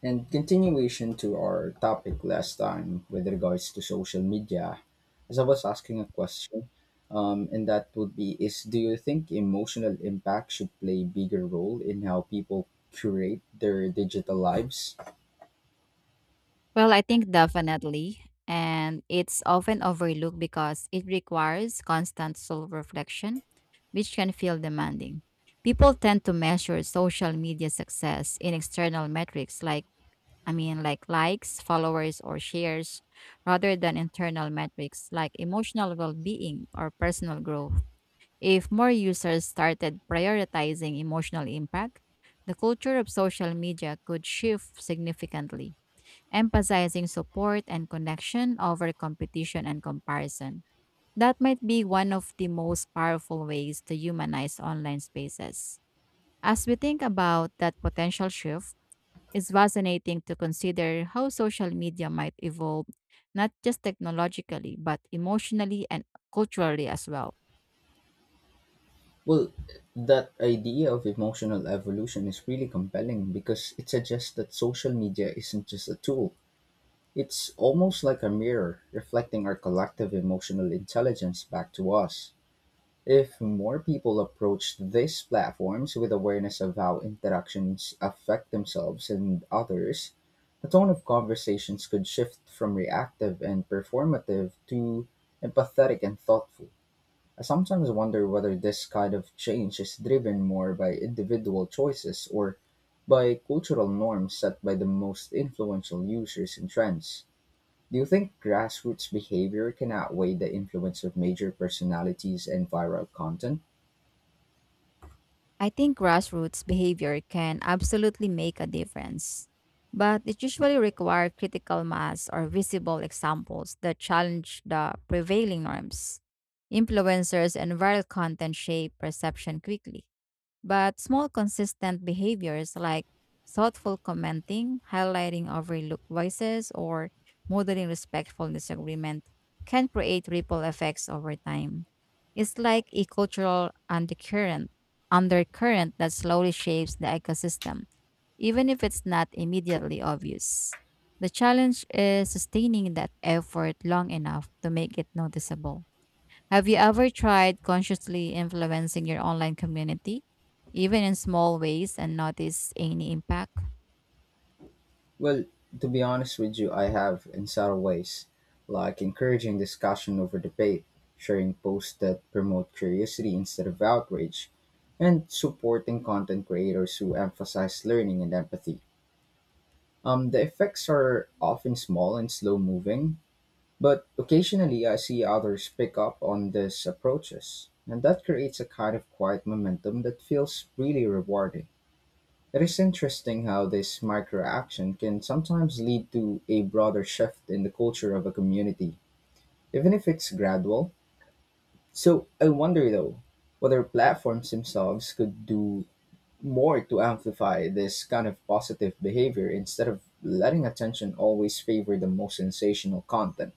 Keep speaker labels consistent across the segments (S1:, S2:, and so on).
S1: And continuation to our topic last time with regards to social media, as I was asking a question, and that would be is do you think emotional impact should play a bigger role in how people curate their digital lives?
S2: Well, I think definitely. And it's often overlooked because it requires constant soul reflection, which can feel demanding. People tend to measure social media success in external metrics like, I mean, like likes, followers, or shares, rather than internal metrics like emotional well being or personal growth. If more users started prioritizing emotional impact, the culture of social media could shift significantly emphasizing support and connection over competition and comparison. That might be one of the most powerful ways to humanize online spaces. As we think about that potential shift, it's fascinating to consider how social media might evolve, not just technologically, but emotionally and culturally as well.
S1: Well, that idea of emotional evolution is really compelling because it suggests that social media isn't just a tool. It's almost like a mirror reflecting our collective emotional intelligence back to us. If more people approached these platforms with awareness of how interactions affect themselves and others, the tone of conversations could shift from reactive and performative to empathetic and thoughtful. I sometimes wonder whether this kind of change is driven more by individual choices or by cultural norms set by the most influential users and trends. Do you think grassroots behavior can outweigh the influence of major personalities and viral content?
S2: I think grassroots behavior can absolutely make a difference, but it usually requires critical mass or visible examples that challenge the prevailing norms. Influencers and viral content shape perception quickly, but small consistent behaviors like thoughtful commenting, highlighting overlooked voices, or modeling respectful disagreement can create ripple effects over time. It's like a cultural undercurrent that slowly shapes the ecosystem, even if it's not immediately obvious. The challenge is sustaining that effort long enough to make it noticeable. Have you ever tried consciously influencing your online community, even in small ways, and notice any impact?
S1: Well, to be honest with you, I have in subtle ways, like encouraging discussion over debate, sharing posts that promote curiosity instead of outrage, and supporting content creators who emphasize learning and empathy. The effects are often small and slow moving, but occasionally I see others pick up on these approaches, and that creates a kind of quiet momentum that feels really rewarding. It is interesting how this microaction can sometimes lead to a broader shift in the culture of a community, even if it's gradual. So I wonder though, whether platforms themselves could do more to amplify this kind of positive behavior instead of letting attention always favor the most sensational content.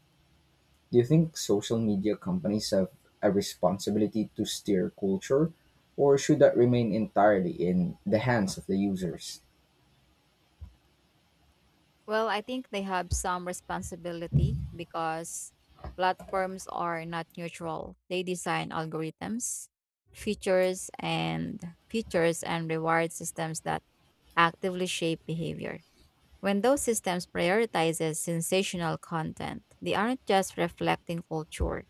S1: Do you think social media companies have a responsibility to steer culture, or should that remain entirely in the hands of the users?
S2: Well, I think they have some responsibility because platforms are not neutral. They design algorithms, features and reward systems that actively shape behavior. When those systems prioritizes sensational content, they aren't just reflecting culture.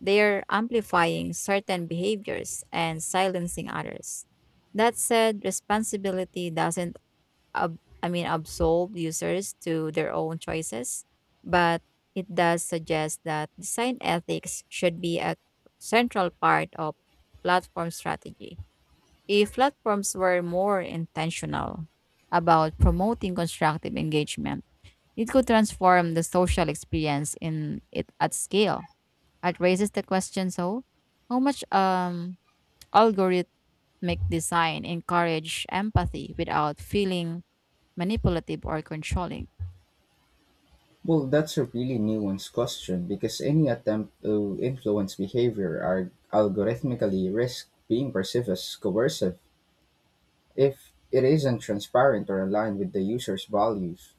S2: They're amplifying certain behaviors and silencing others. That said, responsibility doesn't absolve users to their own choices, but it does suggest that design ethics should be a central part of platform strategy. If platforms were more intentional about promoting constructive engagement, it could transform the social experience in it at scale. It raises the question so how much algorithmic design encourage empathy without feeling manipulative or controlling?
S1: Well, that's a really nuanced question because any attempt to influence behavior are algorithmically risk being perceived as coercive if it isn't transparent or aligned with the user's values.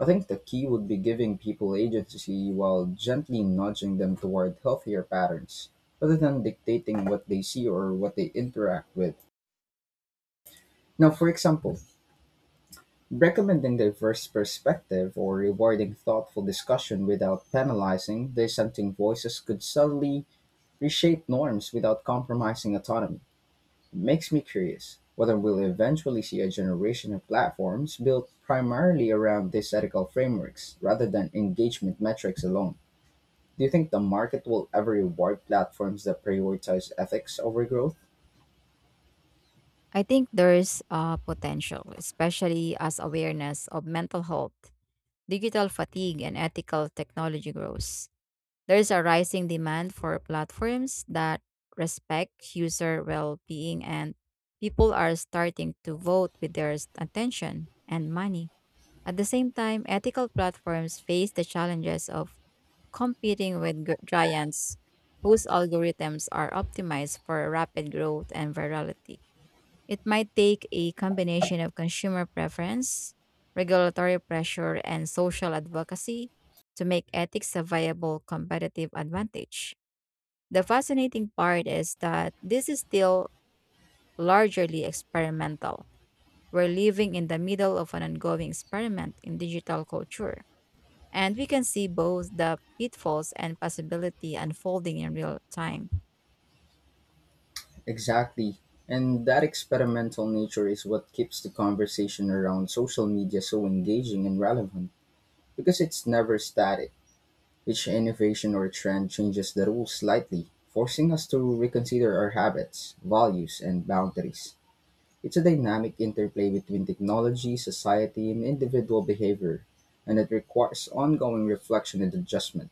S1: I think the key would be giving people agency while gently nudging them toward healthier patterns, rather than dictating what they see or what they interact with. Now, for example, recommending diverse perspective or rewarding thoughtful discussion without penalizing dissenting voices could subtly reshape norms without compromising autonomy. It makes me curious whether we'll eventually see a generation of platforms built primarily around these ethical frameworks rather than engagement metrics alone. Do you think the market will ever reward platforms that prioritize ethics over growth?
S2: I think there's a potential, especially as awareness of mental health, digital fatigue, and ethical technology grows. There's a rising demand for platforms that respect user well being, and people are starting to vote with their attention and money. At the same time, ethical platforms face the challenges of competing with giants whose algorithms are optimized for rapid growth and virality. It might take a combination of consumer preference, regulatory pressure, and social advocacy to make ethics a viable competitive advantage. The fascinating part is that this is still largely experimental. We're living in the middle of an ongoing experiment in digital culture, and we can see both the pitfalls and possibility unfolding in real time.
S1: Exactly. And that experimental nature is what keeps the conversation around social media so engaging and relevant because it's never static. Each innovation or trend changes the rules slightly, forcing us to reconsider our habits, values, and boundaries. It's a dynamic interplay between technology, society, and individual behavior, and it requires ongoing reflection and adjustment.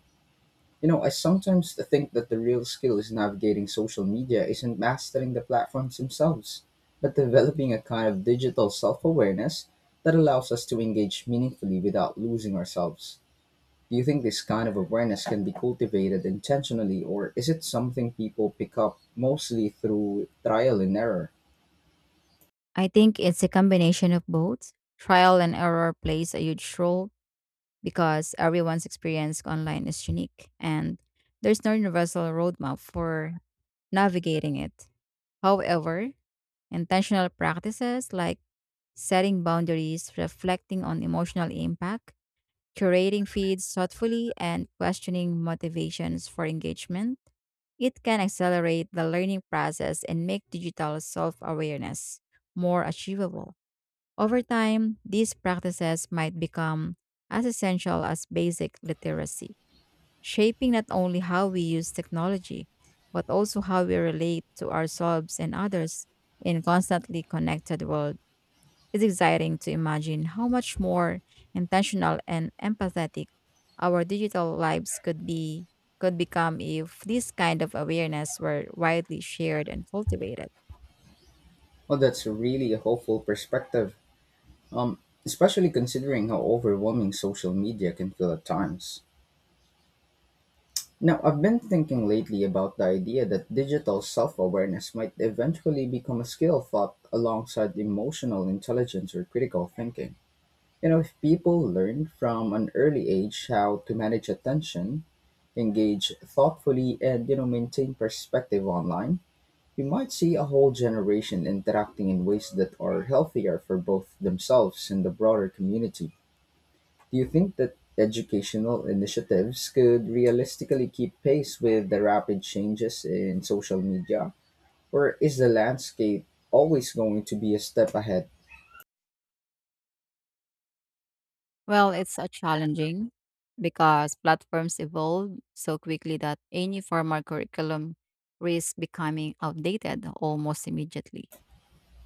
S1: You know, I sometimes think that the real skill is navigating social media isn't mastering the platforms themselves, but developing a kind of digital self awareness that allows us to engage meaningfully without losing ourselves. Do you think this kind of awareness can be cultivated intentionally, or is it something people pick up mostly through trial and error?
S2: I think it's a combination of both. Trial and error plays a huge role because everyone's experience online is unique and there's no universal roadmap for navigating it. However, intentional practices like setting boundaries, reflecting on emotional impact, curating feeds thoughtfully, and questioning motivations for engagement, it can accelerate the learning process and make digital self awareness more achievable. Over time, these practices might become as essential as basic literacy shaping not only how we use technology, but also how we relate to ourselves and others in constantly connected world. It's exciting to imagine how much more intentional and empathetic our digital lives could become if this kind of awareness were widely shared and cultivated.
S1: Well, that's really a hopeful perspective, um, especially considering how overwhelming social media can feel at times. Now, I've been thinking lately about the idea that digital self awareness might eventually become a skill taught alongside emotional intelligence or critical thinking. You know, if people learn from an early age how to manage attention, engage thoughtfully, and, you know, maintain perspective online, we might see a whole generation interacting in ways that are healthier for both themselves and the broader community. Do you think that educational initiatives could realistically keep pace with the rapid changes in social media, or is the landscape always going to be a step ahead?
S2: Well, it's a challenging because platforms evolve so quickly that any formal curriculum risks becoming outdated almost immediately.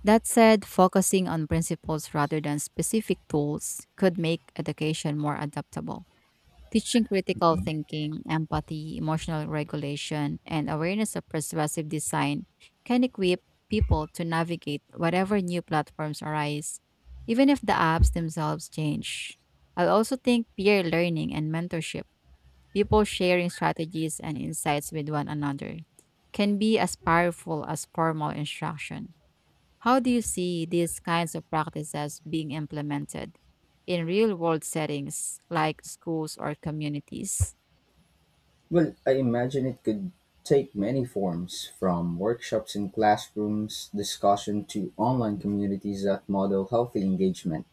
S2: That said, focusing on principles rather than specific tools could make education more adaptable. Teaching critical
S1: Mhm.
S2: thinking, empathy, emotional regulation, and awareness of persuasive design can equip people to navigate whatever new platforms arise, even if the apps themselves change. I also think peer learning and mentorship, people sharing strategies and insights with one another, can be as powerful as formal instruction. How do you see these kinds of practices being implemented in real world settings like schools or communities?
S1: Well, I imagine it could take many forms, from workshops in classrooms, discussion to online communities that model healthy engagement.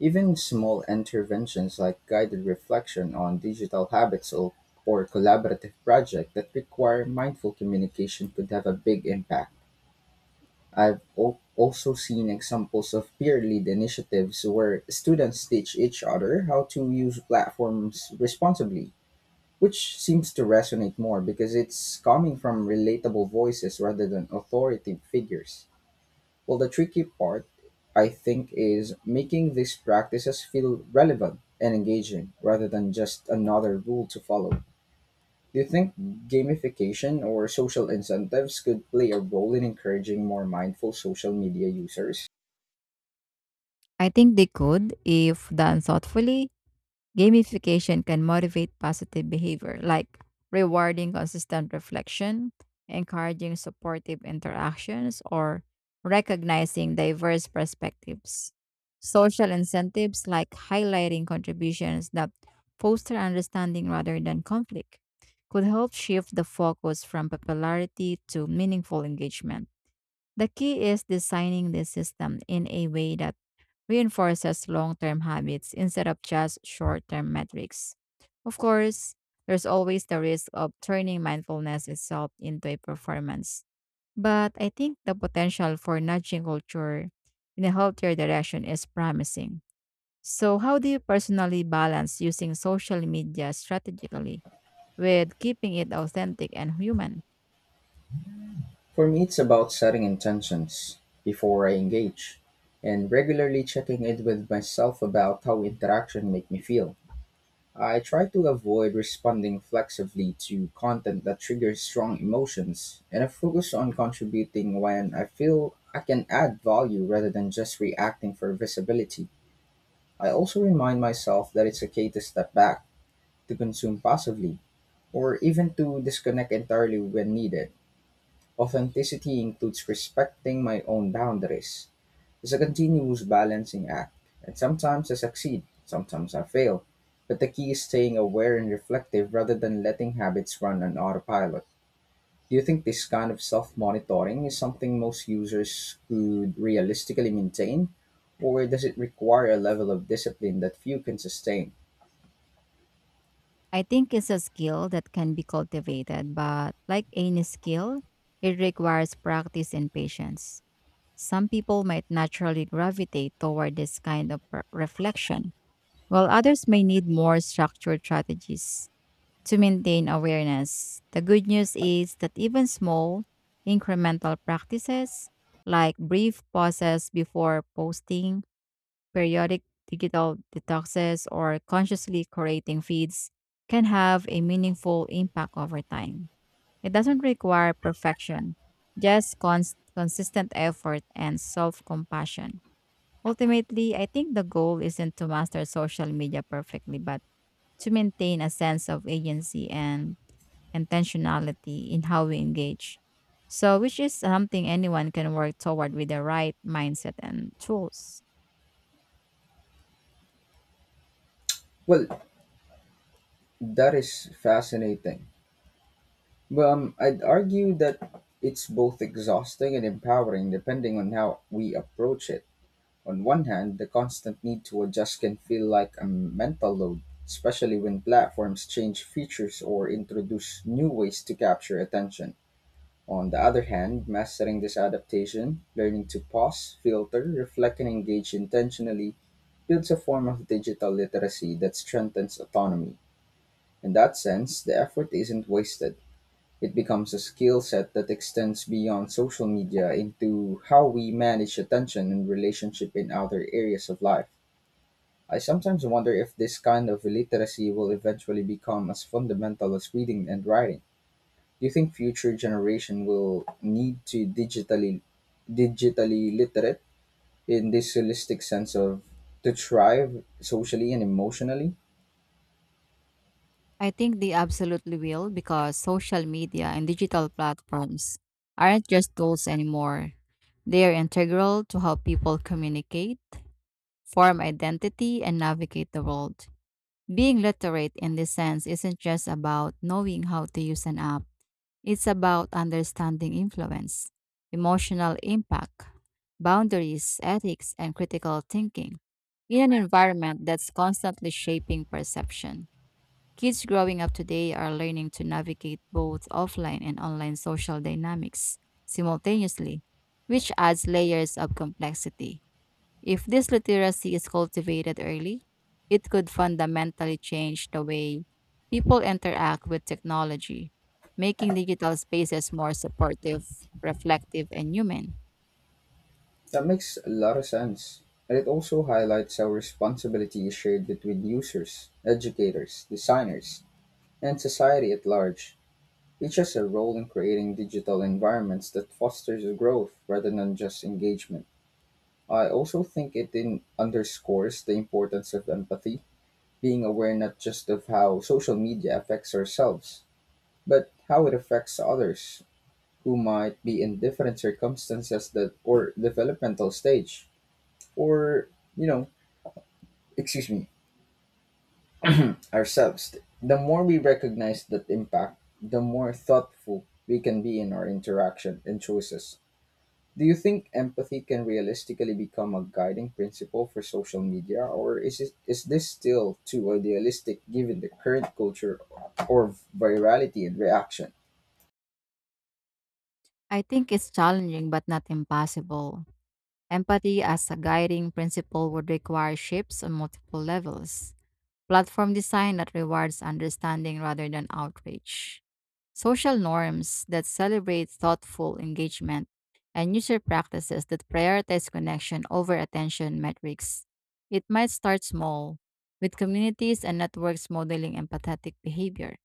S1: Even small interventions like guided reflection on digital habits or collaborative projects that require mindful communication could have a big impact. Also seen examples of peer led initiatives where students teach each other how to use platforms responsibly, which seems to resonate more because it's coming from relatable voices rather than authoritative figures. Well, the tricky part, I think, is making these practices feel relevant and engaging rather than just another rule to follow. Do you think gamification or social incentives could play a role in encouraging more mindful social media users?
S2: I think they could if done thoughtfully. Gamification can motivate positive behavior like rewarding consistent reflection, encouraging supportive interactions, or recognizing diverse perspectives. Social incentives like highlighting contributions that foster understanding rather than conflict could help shift the focus from popularity to meaningful engagement. The key is designing the system in a way that reinforces long term habits instead of just short term metrics. Of course, there's always the risk of turning mindfulness itself into a performance. But I think the potential for nudging culture in a healthier direction is promising. So, how do you personally balance using social media strategically with keeping it authentic and human?
S1: For me, it's about setting intentions before I engage and regularly checking in with myself about how interaction make me feel. I try to avoid responding flexibly to content that triggers strong emotions, and I focus on contributing when I feel I can add value rather than just reacting for visibility. I also remind myself that it's okay to step back, to consume passively, or even to disconnect entirely when needed. Authenticity includes respecting my own boundaries is a continuous balancing act, and sometimes I succeed, sometimes I fail. But the key is staying aware and reflective rather than letting habits run on autopilot. Do you think this kind of self monitoring is something most users could realistically maintain? Or does it require a level of discipline that few can sustain?
S2: I think it's a skill that can be cultivated, but like any skill, it requires practice and patience. Some people might naturally gravitate toward this kind of reflection, while others may need more structured strategies to maintain awareness. The good news is that even small, incremental practices, like brief pauses before posting, periodic digital detoxes, or consciously curating feeds, can have a meaningful impact over time. It doesn't require perfection, just consistent effort and self compassion. Ultimately, I think the goal isn't to master social media perfectly, but to maintain a sense of agency and intentionality in how we engage. So, which is something anyone can work toward with the right mindset and tools.
S1: Well, that is fascinating. Well, I'd argue that it's both exhausting and empowering depending on how we approach it. On one hand, the constant need to adjust can feel like a mental load, especially when platforms change features or introduce new ways to capture attention. On the other hand, mastering this adaptation, learning to pause, filter, reflect, and engage intentionally builds a form of digital literacy that strengthens autonomy. In that sense, the effort isn't wasted. It becomes a skill set that extends beyond social media into how we manage attention and relationship in other areas of life. I sometimes wonder if this kind of illiteracy will eventually become as fundamental as reading and writing. Do you think future generation will need to digitally literate in this holistic sense of to thrive socially and emotionally?
S2: I think they absolutely will because social media and digital platforms aren't just tools anymore. They are integral to how people communicate, form identity, and navigate the world. Being literate in this sense isn't just about knowing how to use an app, it's about understanding influence, emotional impact, boundaries, ethics, and critical thinking in an environment that's constantly shaping perception. Kids growing up today are learning to navigate both offline and online social dynamics simultaneously, which adds layers of complexity. If this literacy is cultivated early, it could fundamentally change the way people interact with technology, making digital spaces more supportive, reflective, and human.
S1: That makes a lot of sense. And it also highlights how responsibility is shared between users, educators, designers, and society at large. Each has a role in creating digital environments that fosters growth rather than just engagement. I also think it in underscores the importance of empathy, being aware not just of how social media affects ourselves, but how it affects others who might be in different circumstances that or developmental stage or you know, excuse me, ourselves. The more we recognize that impact, the more thoughtful we can be in our interaction and choices. Do you think empathy can realistically become a guiding principle for social media, or is this still too idealistic given the current culture or virality and reaction?
S2: I think it's challenging but not impossible. Empathy as a guiding principle would require shifts on multiple levels: platform design that rewards understanding rather than outrage, social norms that celebrate thoughtful engagement, and user practices that prioritize connection over attention metrics. It might start small, with communities and networks modeling empathetic behavior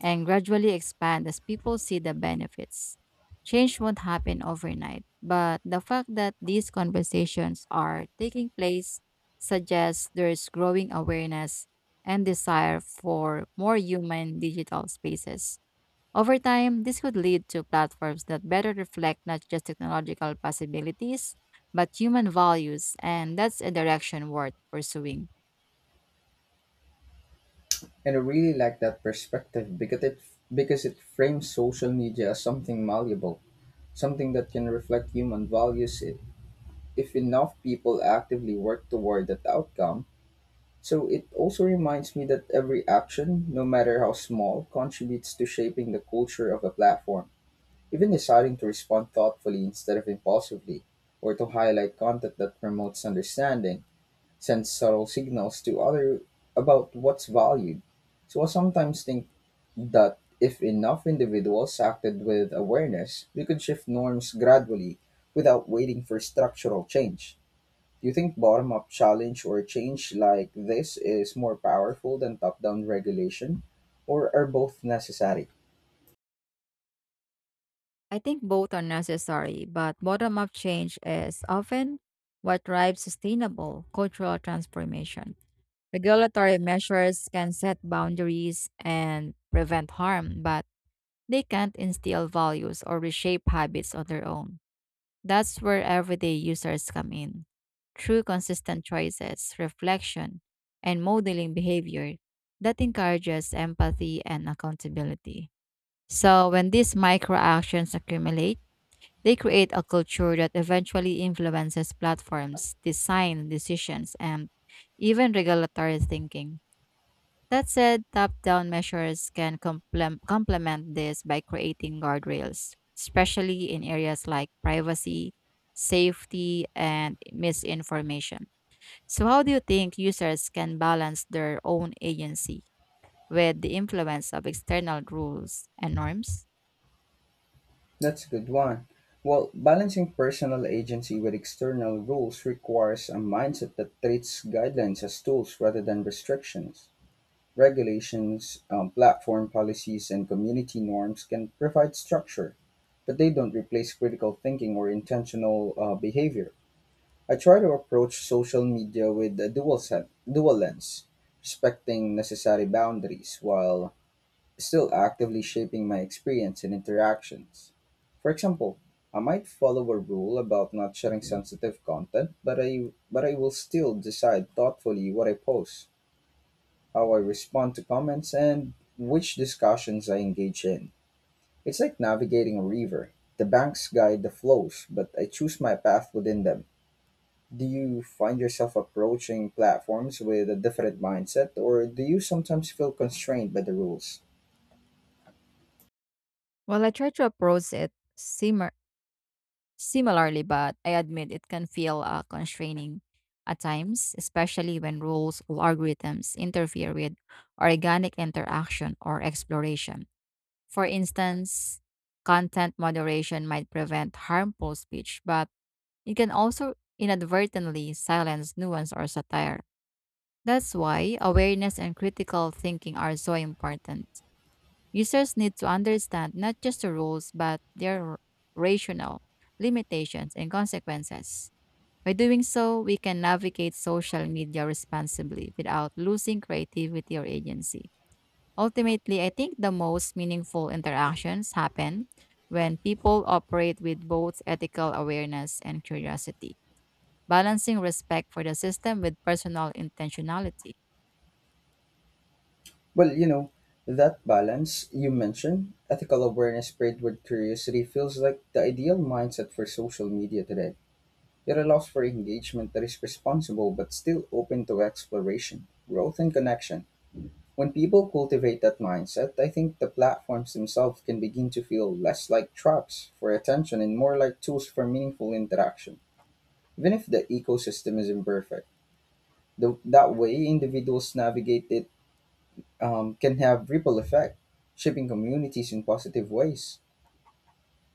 S2: and gradually expand as people see the benefits. Change won't happen overnight, but the fact that these conversations are taking place suggests there's growing awareness and desire for more human digital spaces. Over time, this could lead to platforms that better reflect not just technological possibilities, but human values, and that's a direction worth pursuing.
S1: And I really like that perspective because it frames social media as something malleable, something that can reflect human values if enough people actively work toward that outcome. So it also reminds me that every action, no matter how small, contributes to shaping the culture of a platform. Even deciding to respond thoughtfully instead of impulsively, or to highlight content that promotes understanding, sends subtle signals to other about what's valued. So I sometimes think that if enough individuals acted with awareness, we could shift norms gradually without waiting for structural change. Do you think bottom up challenge or change like this is more powerful than top down regulation, or are both necessary?
S2: I think both are necessary, but bottom up change is often what drives sustainable cultural transformation. Regulatory measures can set boundaries and prevent harm, but they can't instill values or reshape habits on their own. That's where everyday users come in. Through consistent choices, reflection, and modeling behavior that encourages empathy and accountability. So, when these micro actions accumulate, they create a culture that eventually influences platforms, design decisions, and even regulatory thinking. That said, top down measures can complement this by creating guardrails, especially in areas like privacy, safety, and misinformation. So, how do you think users can balance their own agency with the influence of external rules and norms?
S1: That's a good one. Well, balancing personal agency with external rules requires a mindset that treats guidelines as tools rather than restrictions. Regulations, platform policies, and community norms can provide structure, but they don't replace critical thinking or intentional behavior. I try to approach social media with a dual lens, respecting necessary boundaries while still actively shaping my experience and interactions. For example, I might follow a rule about not sharing sensitive content, but I will still decide thoughtfully what I post, how I respond to comments, and which discussions I engage in. It's like navigating a river. The banks guide the flows, but I choose my path within them. Do you find yourself approaching platforms with a different mindset, or do you sometimes feel constrained by the rules?
S2: Well, I try to approach it simmer Similarly, but I admit it can feel constraining at times, especially when rules or algorithms interfere with organic interaction or exploration. For instance, content moderation might prevent harmful speech, but it can also inadvertently silence nuance or satire. That's why awareness and critical thinking are so important. Users need to understand not just the rules, but their rationale, limitations, and consequences. By doing so, we can navigate social media responsibly without losing creativity or agency. Ultimately, I think the most meaningful interactions happen when people operate with both ethical awareness and curiosity, balancing respect for the system with personal intentionality.
S1: Well, you know, that balance you mentioned, ethical awareness paired with curiosity, feels like the ideal mindset for social media today. It allows for engagement that is responsible but still open to exploration, growth, and connection. When people cultivate that mindset, I think the platforms themselves can begin to feel less like traps for attention and more like tools for meaningful interaction, even if the ecosystem is imperfect. That way, individuals navigate it can have ripple effect, shaping communities in positive ways.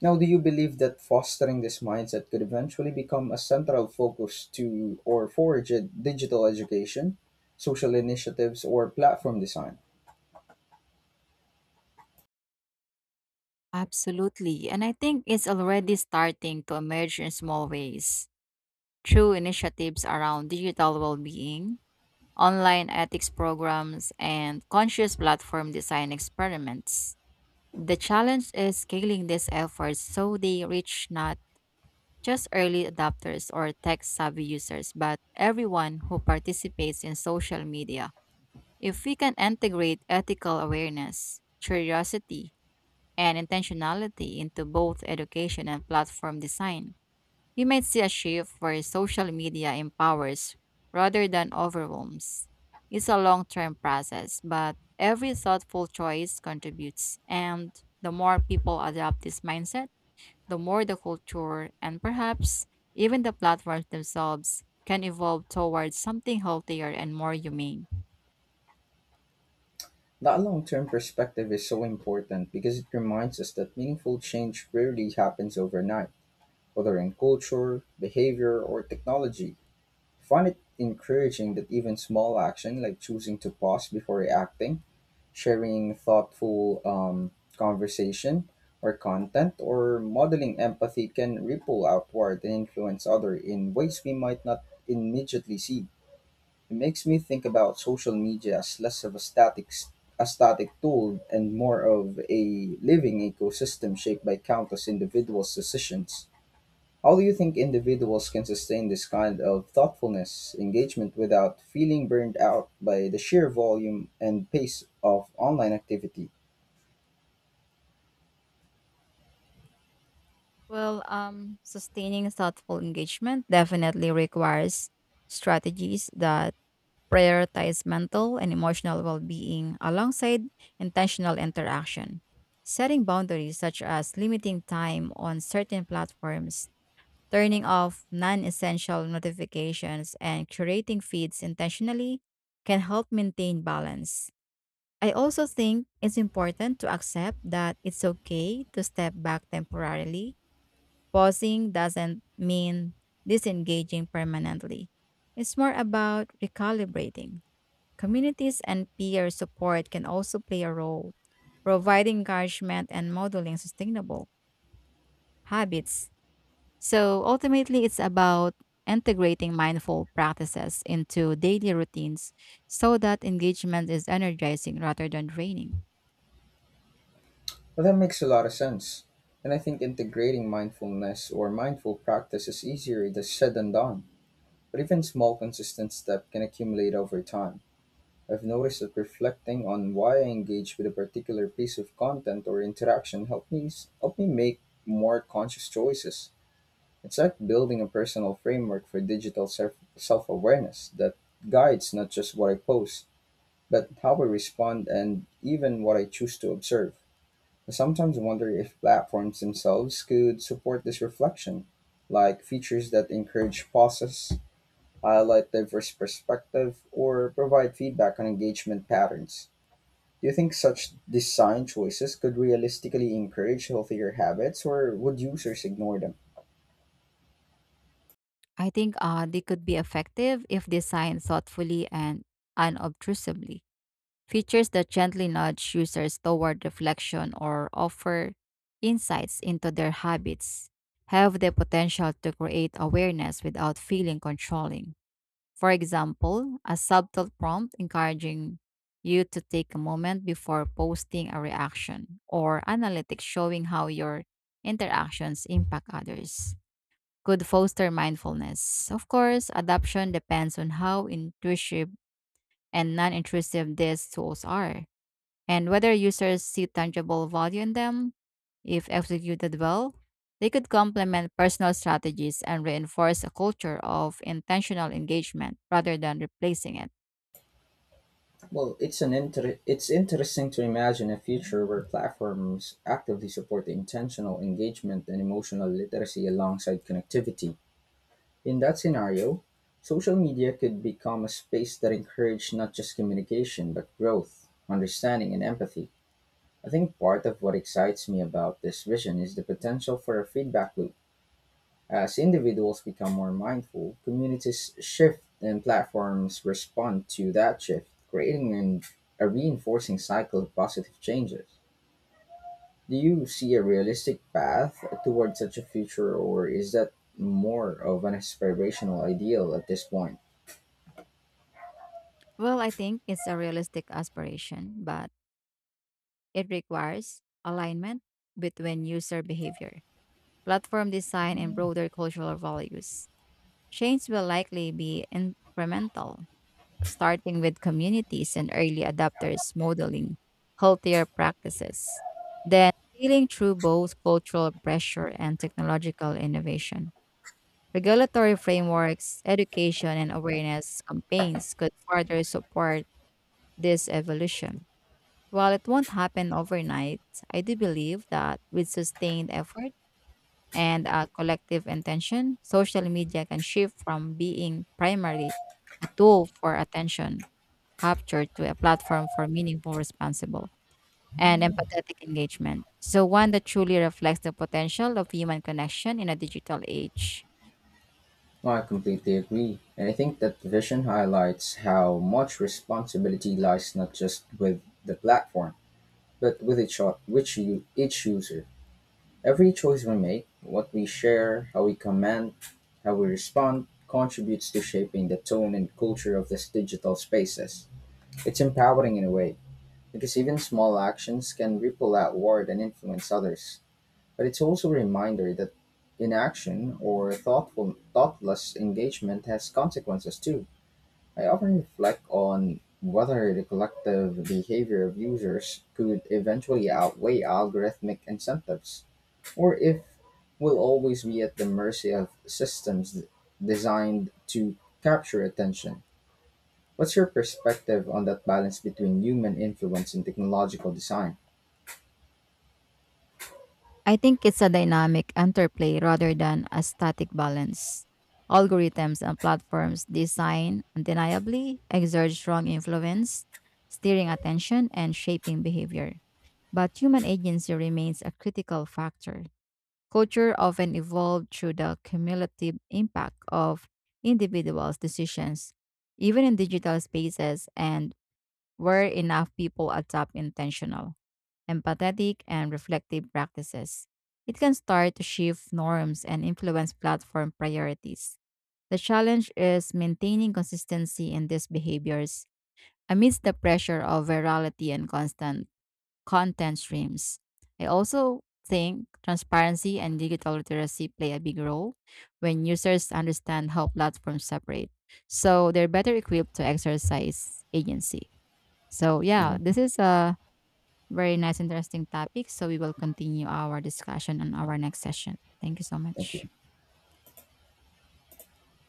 S1: Now, do you believe that fostering this mindset could eventually become a central focus to or for digital education, social initiatives, or platform design?
S2: Absolutely. And I think it's already starting to emerge in small ways, through initiatives around digital well being, online ethics programs, and conscious platform design experiments. The challenge is scaling these efforts so they reach not just early adopters or tech savvy users, but everyone who participates in social media. If we can integrate ethical awareness, curiosity, and intentionality into both education and platform design, we might see a shift where social media empowers rather than overwhelms. It's a long term process, but every thoughtful choice contributes. And the more people adopt this mindset, the more the culture and perhaps even the platforms themselves can evolve towards something healthier and more humane.
S1: That long term perspective is so important because it reminds us that meaningful change rarely happens overnight, whether in culture, behavior, or technology. I find it encouraging that even small action like choosing to pause before reacting sharing thoughtful conversation or content or modeling empathy can ripple outward and influence others in ways we might not immediately see. It makes me think about social media as less of a a static tool and more of a living ecosystem shaped by countless individuals' decisions. How do you think individuals can sustain this kind of thoughtfulness engagement without feeling burned out by the sheer volume and pace of online activity?
S2: Sustaining thoughtful engagement definitely requires strategies that prioritize mental and emotional well being alongside intentional interaction. Setting boundaries such as limiting time on certain platforms, turning off non essential notifications, and curating feeds intentionally can help maintain balance. I also think it's important to accept that it's okay to step back temporarily. Pausing doesn't mean disengaging permanently. It's more about recalibrating. Communities and peer support can also play a role, providing encouragement and modeling sustainable habits. So ultimately, it's about integrating mindful practices into daily routines so that engagement is energizing rather than draining.
S1: Well, that makes a lot of sense. And I think integrating mindfulness or mindful practice is easier than said than done. But even small, consistent steps can accumulate over time. I've noticed that reflecting on why I engage with a particular piece of content or interaction helped me make more conscious choices. It's like building a personal framework for digital self awareness that guides not just what I post, but how I respond and even what I choose to observe. I sometimes wonder if platforms themselves could support this reflection, like features that encourage pauses, highlight diverse perspective, or provide feedback on engagement patterns. Do you think such design choices could realistically encourage healthier habits, or would users ignore them?
S2: I think they could be effective if designed thoughtfully and unobtrusively. Features that gently nudge users toward reflection or offer insights into their habits have the potential to create awareness without feeling controlling. For example, a subtle prompt encouraging you to take a moment before posting a reaction or analytics showing how your interactions impact others could foster mindfulness. Of course, adoption depends on how intuitive and non intrusive these tools are and whether users see tangible value in them. If executed well, they could complement personal strategies and reinforce a culture of intentional engagement rather than replacing it.
S1: Well, it's interesting to imagine a future where platforms actively support intentional engagement and emotional literacy alongside connectivity. In that scenario, social media could become a space that encouraged not just communication but growth, understanding, and empathy. I think part of what excites me about this vision is the potential for a feedback loop as individuals become more mindful, communities shift and platforms respond to that shift, creating a reinforcing cycle of positive changes. Do you see a realistic path towards such a future, or is that more of an aspirational ideal at this point?
S2: Well, I think it's a realistic aspiration, but it requires alignment between user behavior, platform design, and broader cultural values. Change will likely be incremental starting with communities and early adopters modeling healthier practices, then scaling through both cultural pressure and technological innovation. Regulatory frameworks, education, and awareness campaigns could further support this evolution. While it won't happen overnight, I do believe that with sustained effort, and collective intention, social media can shift from being primarily a tool for attention capture to a platform for meaningful, responsible, and empathetic engagement. So, one that truly reflects the potential of human connection in a digital age.
S1: Well, I completely agree. And I think that the vision highlights how much responsibility lies not just with the platform, but with each, o- which you, each user. Every choice we make, what we share, how we comment, how we respond, contributes to shaping the tone and culture of these digital spaces. It's empowering in a way, because even small actions can ripple outward and influence others. But it's also a reminder that inaction or thoughtless engagement has consequences too. I often reflect on whether the collective behavior of users could eventually outweigh algorithmic incentives or if we'll always be at the mercy of designed to capture attention. What's your perspective on that balance between human influence and technological design?
S2: I think it's a dynamic interplay rather than a static balance. Algorithms and platforms design undeniably exert strong influence, steering attention and shaping behavior, but human agency remains a critical factor. Culture often evolved through the cumulative impact of individuals' decisions, even in digital spaces and where enough people adopt intentional, empathetic, and reflective practices. It can start to shift norms and influence platform priorities. The challenge is maintaining consistency in these behaviors amidst the pressure of virality and constant content streams. I also think transparency and digital literacy play a big role when users understand how platforms separate. So they're better equipped to exercise agency. So, yeah,
S1: Um,
S2: this is a very nice, interesting topic. So, we will continue our discussion on our next session. Thank you so
S1: Thank
S2: much.
S1: you.